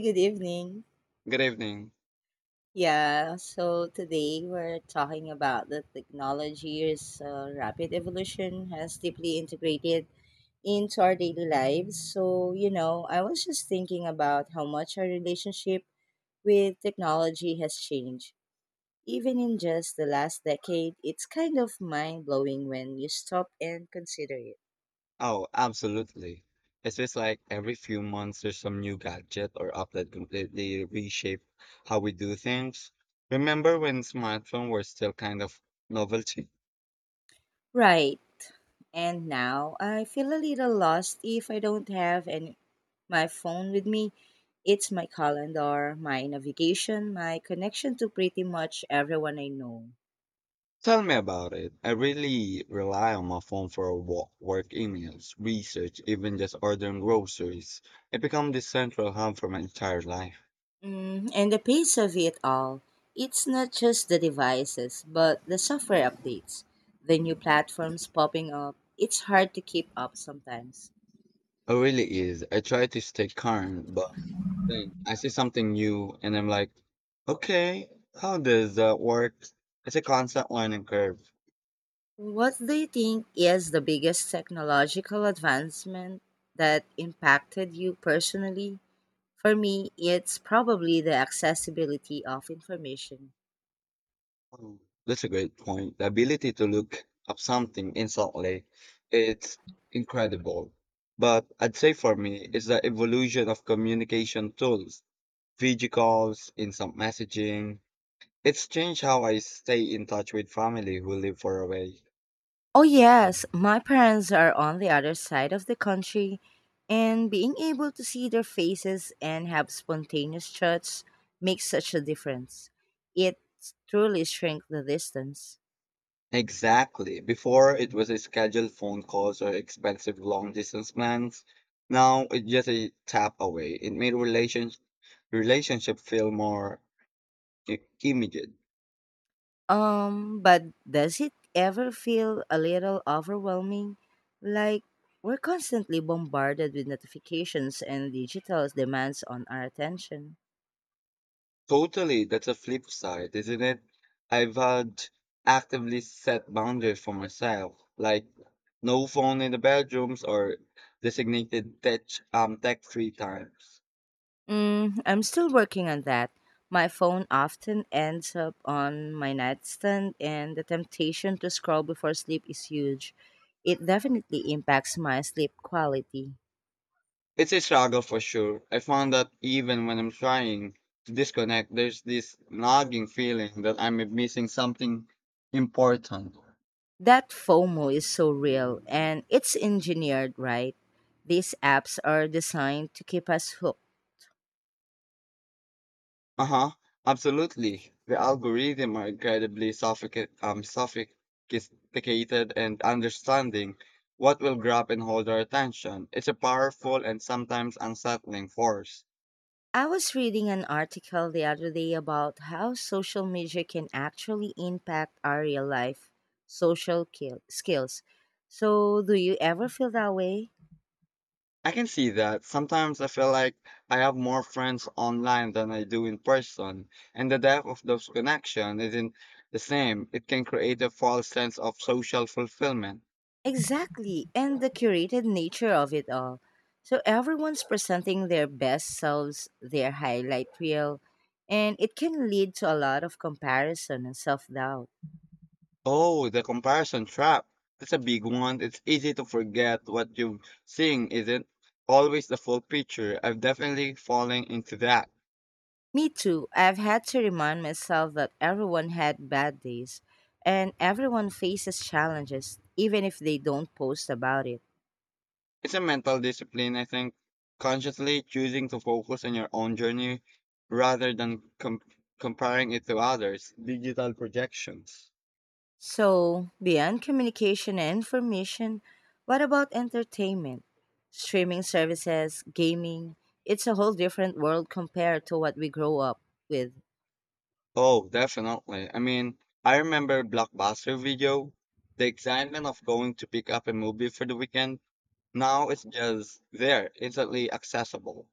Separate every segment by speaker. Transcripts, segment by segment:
Speaker 1: Good evening.
Speaker 2: Good evening.
Speaker 1: Yeah, so today we're talking about the technology's rapid evolution has deeply integrated into our daily lives. I was just thinking about how much our relationship with technology has changed. Even in just the last decade, it's kind of mind blowing when you stop and consider it.
Speaker 2: Oh, absolutely. It feels like every few months there's some new gadget or app that completely reshape how we do things. Remember when smartphones were still kind of novelty?
Speaker 1: Right. And now I feel a little lost if I don't have an my phone with me. It's my calendar, my navigation, my connection to pretty much everyone I know.
Speaker 2: Tell me about it. I really rely on my phone for work emails, research, even just ordering groceries. It became the central hub for my entire life.
Speaker 1: Mm, and the pace of it all, it's not just the devices, but the software updates, the new platforms popping up. It's hard to keep up sometimes.
Speaker 2: It really is. I try to stay current, but like, I see something new and I'm like, okay, how does that work? It's a constant learning curve.
Speaker 1: What do you think is the biggest technological advancement that impacted you personally? For me, it's probably the accessibility of information.
Speaker 2: Oh, that's a great point. The ability to look up something instantly, it's incredible. But I'd say for me, it's the evolution of communication tools, video calls, instant messaging. It's changed how I stay in touch with family who live far away.
Speaker 1: Oh, yes, my parents are on the other side of the country, and being able to see their faces and have spontaneous chats makes such a difference. It truly shrinks the distance.
Speaker 2: Exactly. Before it was a scheduled phone calls or expensive long distance plans. Now it's just a tap away. It made relationship feel more immediate.
Speaker 1: But does it ever feel a little overwhelming? Like we're constantly bombarded with notifications and digital demands on our attention.
Speaker 2: Totally, that's a flip side, isn't it? I've had actively set boundaries for myself, like no phone in the bedrooms or designated tech free times.
Speaker 1: Mm, I'm still working on that. My phone often ends up on my nightstand, and the temptation to scroll before sleep is huge. It definitely impacts my sleep quality.
Speaker 2: It's a struggle for sure. I found that even when I'm trying to disconnect, there's this nagging feeling that I'm missing something important.
Speaker 1: That FOMO is so real, and it's engineered right. These apps are designed to keep us hooked.
Speaker 2: Uh huh. Absolutely. The algorithm are incredibly sophisticated and understanding what will grab and hold our attention. It's a powerful and sometimes unsettling force.
Speaker 1: I was reading an article the other day about how social media can actually impact our real life skills. So, do you ever feel that way?
Speaker 2: I can see that. Sometimes I feel like I have more friends online than I do in person, and the depth of those connections isn't the same. It can create a false sense of social fulfillment.
Speaker 1: Exactly, and the curated nature of it all. So, everyone's presenting their best selves, their highlight reel, and it can lead to a lot of comparison and self doubt.
Speaker 2: Oh, the comparison trap. That's a big one. It's easy to forget what you're seeing isn't always the full picture. I've definitely fallen into that.
Speaker 1: Me too. I've had to remind myself that everyone had bad days and everyone faces challenges, even if they don't post about it.
Speaker 2: It's a mental discipline, I think. Consciously choosing to focus on your own journey rather than comparing it to others. Digital projections.
Speaker 1: So, beyond communication and information, what about entertainment? Streaming services, gaming, it's a whole different world compared to what we grow up with.
Speaker 2: Oh, definitely. I mean, I remember Blockbuster video, the excitement of going to pick up a movie for the weekend. Now it's just there, instantly accessible.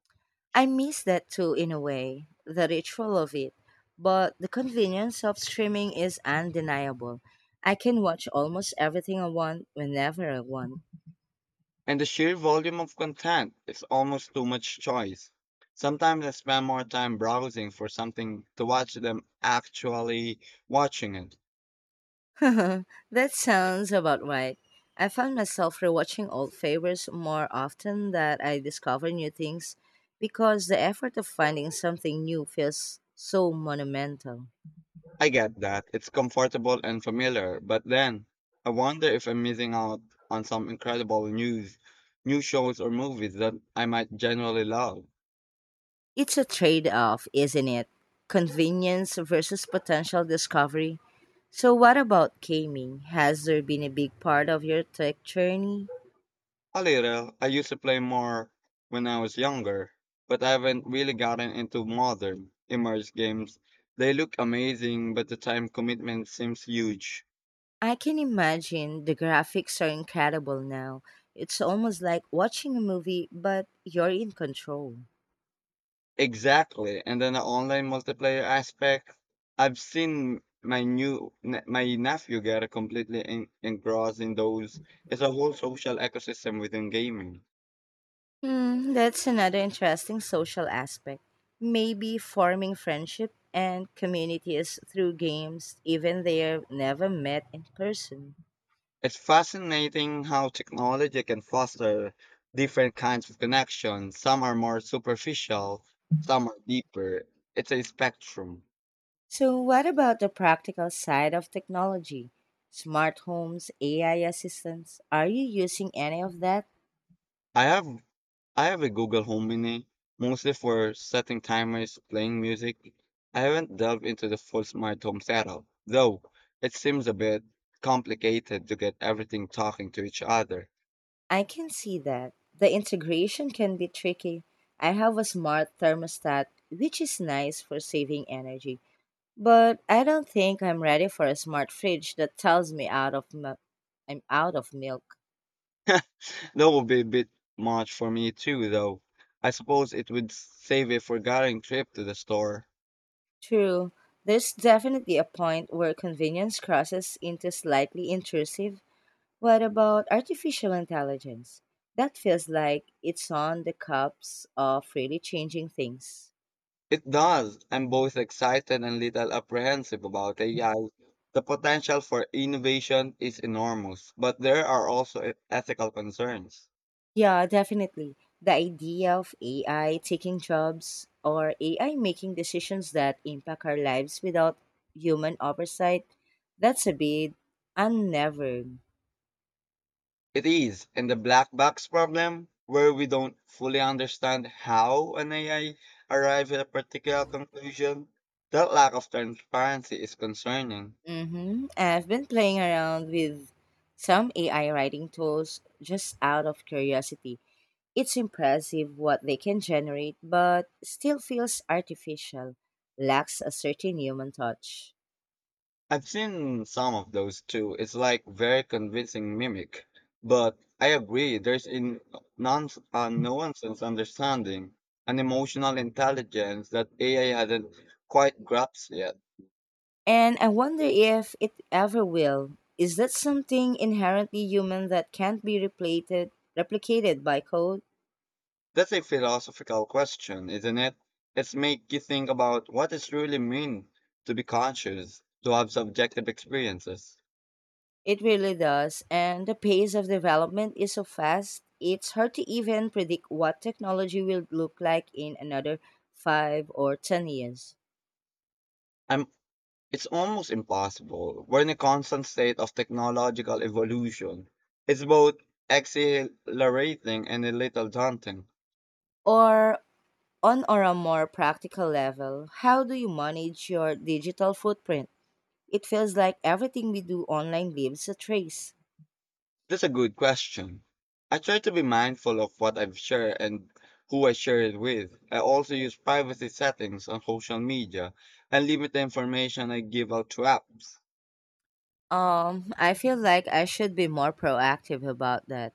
Speaker 1: I miss that too in a way, the ritual of it. But the convenience of streaming is undeniable. I can watch almost everything I want whenever I want.
Speaker 2: And the sheer volume of content is almost too much choice. Sometimes I spend more time browsing for something to watch than actually watching it.
Speaker 1: That sounds about right. I found myself rewatching old favors more often that I discover new things because the effort of finding something new feels so monumental.
Speaker 2: I get that. It's comfortable and familiar, but then I wonder if I'm missing out on some incredible news, new shows or movies that I might generally love.
Speaker 1: It's a trade off, isn't it? Convenience versus potential discovery. So, what about gaming? Has there been a big part of your tech journey?
Speaker 2: A little. I used to play more when I was younger, but I haven't really gotten into modern immersive games. They look amazing, but the time commitment seems huge.
Speaker 1: I can imagine the graphics are incredible now. It's almost like watching a movie, but you're in control.
Speaker 2: Exactly. And then the online multiplayer aspect, I've seen my my nephew get completely engrossed in those. It's a whole social ecosystem within gaming.
Speaker 1: Hmm, that's another interesting social aspect. Maybe forming friendship and communities through games, even they are never met in person.
Speaker 2: It's fascinating how technology can foster different kinds of connections. Some are more superficial, some are deeper. It's a spectrum.
Speaker 1: So, what about the practical side of technology? Smart homes, AI assistants, are you using any of that?
Speaker 2: I have I have a Google Home Mini, mostly for setting timers, playing music. I haven't delved into the full smart home setup, though it seems a bit complicated to get everything talking to each other.
Speaker 1: I can see that. The integration can be tricky. I have a smart thermostat, which is nice for saving energy, but I don't think I'm ready for a smart fridge that tells me out of milk. I'm out of milk.
Speaker 2: That would be a bit much for me too, though. I suppose it would save a forgotten trip to the store.
Speaker 1: True, there's definitely a point where convenience crosses into slightly intrusive. What about artificial intelligence? That feels like it's on the cups of really changing things.
Speaker 2: It does. I'm both excited and little apprehensive about AI. The potential for innovation is enormous, but there are also ethical concerns.
Speaker 1: Yeah, definitely. The idea of AI taking jobs or AI making decisions that impact our lives without human oversight, that's a bit unnerving.
Speaker 2: It is, and the black box problem, where we don't fully understand how an AI arrived at a particular conclusion, that lack of transparency is concerning.
Speaker 1: Mm-hmm. I've been playing around with some AI writing tools just out of curiosity. It's impressive what they can generate, but still feels artificial, lacks a certain human touch.
Speaker 2: I've seen some of those too. It's like very convincing mimic, but I agree there's in nonsense understanding an emotional intelligence that AI hadn't quite grasped yet.
Speaker 1: And I wonder if it ever will. Is that something inherently human that can't be replicated by code?
Speaker 2: That's a philosophical question, isn't it? It's make you think about what it's really mean to be conscious, to have subjective experiences.
Speaker 1: It really does, and the pace of development is so fast, it's hard to even predict what technology will look like in another 5 or 10 years.
Speaker 2: I'm, it's almost impossible. We're in a constant state of technological evolution. It's both exhilarating and a little daunting.
Speaker 1: Or, on or a more practical level, how do you manage your digital footprint? It feels like everything we do online leaves a trace.
Speaker 2: That's a good question. I try to be mindful of what I've shared and who I share it with. I also use privacy settings on social media and limit the information I give out to apps.
Speaker 1: I feel like I should be more proactive about that.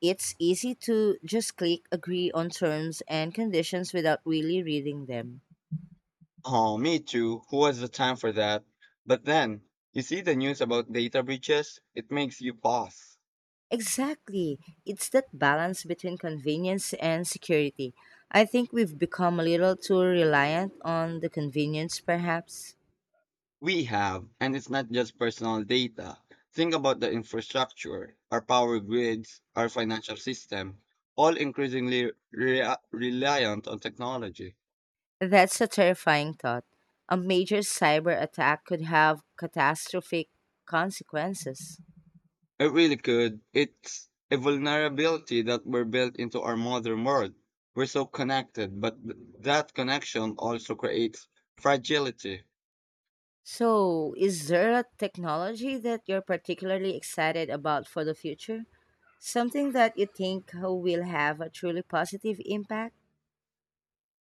Speaker 1: It's easy to just click agree on terms and conditions without really reading them.
Speaker 2: Oh, me too. Who has the time for that? But then, you see the news about data breaches? It makes you pause.
Speaker 1: Exactly. It's that balance between convenience and security. I think we've become a little too reliant on the convenience, perhaps.
Speaker 2: We have, and it's not just personal data. Think about the infrastructure, our power grids, our financial system, all increasingly reliant on technology.
Speaker 1: That's a terrifying thought. A major cyber attack could have catastrophic consequences.
Speaker 2: It really could. It's a vulnerability that we're built into our modern world. We're so connected, but that connection also creates fragility.
Speaker 1: So, is there a technology that you're particularly excited about for the future? Something that you think will have a truly positive impact?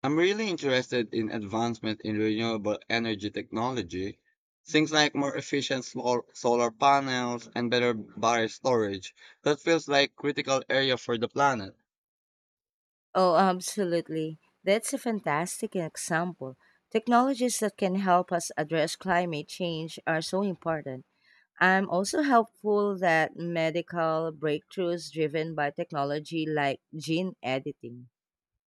Speaker 2: I'm really interested in advancement in renewable energy technology, things
Speaker 1: Hmm.
Speaker 2: like more efficient solar panels and better battery storage. That feels like critical area for the planet.
Speaker 1: Oh, absolutely. That's a fantastic example. Technologies that can help us address climate change are so important. I'm also hopeful that medical breakthroughs driven by technology like gene editing.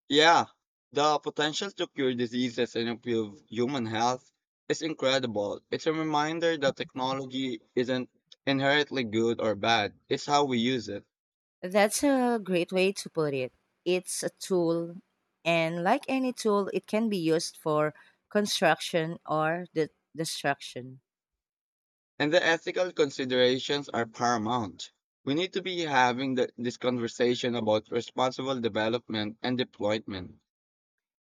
Speaker 2: Yeah, the potential to cure diseases and improve human health is incredible. It's a reminder that technology isn't inherently good or bad. It's how we use it.
Speaker 1: That's a great way to put it. It's a tool, and like any tool, it can be used for construction or destruction.
Speaker 2: And the ethical considerations are paramount. We need to be having this conversation about responsible development and deployment.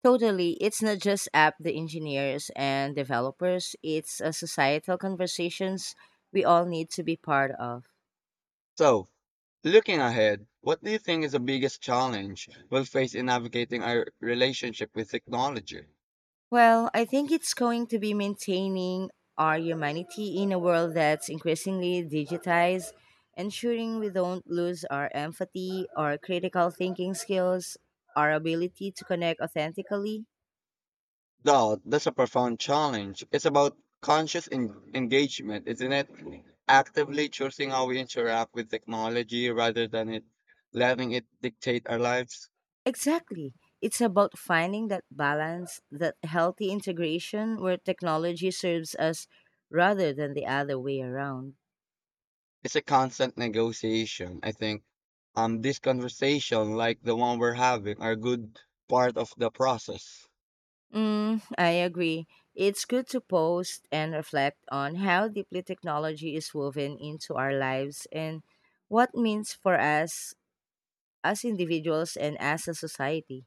Speaker 1: Totally, it's not just app the engineers and developers, it's a societal conversations we all need to be part of.
Speaker 2: So, looking ahead, what do you think is the biggest challenge we'll face in navigating our relationship with technology?
Speaker 1: Well, I think it's going to be maintaining our humanity in a world that's increasingly digitized, ensuring we don't lose our empathy, our critical thinking skills, our ability to connect authentically.
Speaker 2: Though that's a profound challenge. It's about conscious engagement, isn't it? Actively choosing how we interact with technology rather than it letting it dictate our lives.
Speaker 1: Exactly. It's about finding that balance, that healthy integration where technology serves us rather than the other way around.
Speaker 2: It's a constant negotiation. I think this conversation like the one we're having are a good part of the process.
Speaker 1: Mm, I agree. It's good to post and reflect on how deeply technology is woven into our lives and what means for us as individuals and as a society.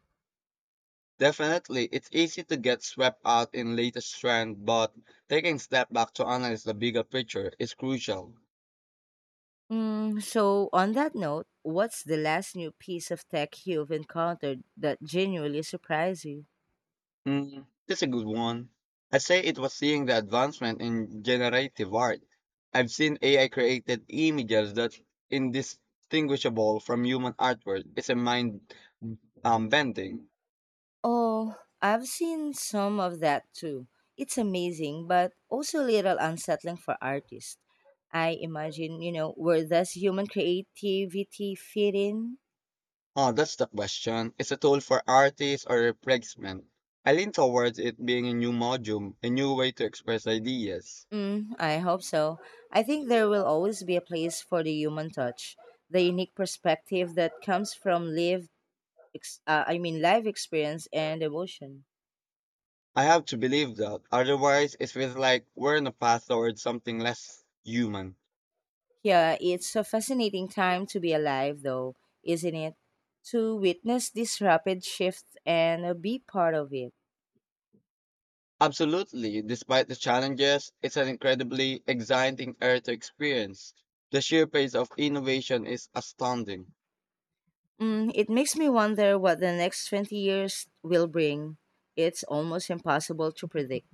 Speaker 2: Definitely, it's easy to get swept out in latest trend, but taking a step back to analyze the bigger picture is crucial.
Speaker 1: Mm, so, on that note, what's the last new piece of tech you've encountered that genuinely surprised you?
Speaker 2: That's a good one. I say it was seeing the advancement in generative art. I've seen AI created images that indistinguishable from human artwork. It's a mind bending.
Speaker 1: Oh, I've seen some of that too. It's amazing, but also a little unsettling for artists. I imagine, where does human creativity fit in?
Speaker 2: Oh, that's the question. It's a tool for artists or replacement. I lean towards it being a new module, a new way to express ideas.
Speaker 1: Mm, I hope so. I think there will always be a place for the human touch, the unique perspective that comes from lived, ex- I mean, live experience and emotion.
Speaker 2: I have to believe that, otherwise it feels like we're on a path towards something less human.
Speaker 1: Yeah, it's a fascinating time to be alive, though, isn't it? To witness this rapid shift and be part of it.
Speaker 2: Absolutely, despite the challenges, it's an incredibly exciting era to experience. The sheer pace of innovation is astounding.
Speaker 1: Mm, it makes me wonder what the next 20 years will bring. It's almost impossible to predict.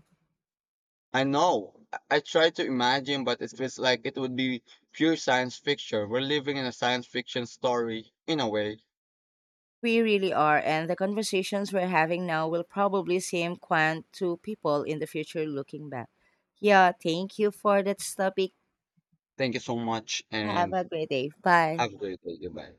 Speaker 2: I know, I try to imagine, but it feels like it would be pure science fiction. We're living in a science fiction story, in a way.
Speaker 1: We really are, and the conversations we're having now will probably seem quaint to people in the future looking back. Yeah, thank you for that topic.
Speaker 2: Thank you so much
Speaker 1: Have
Speaker 2: and
Speaker 1: a great day. Bye.
Speaker 2: have a great day. Goodbye.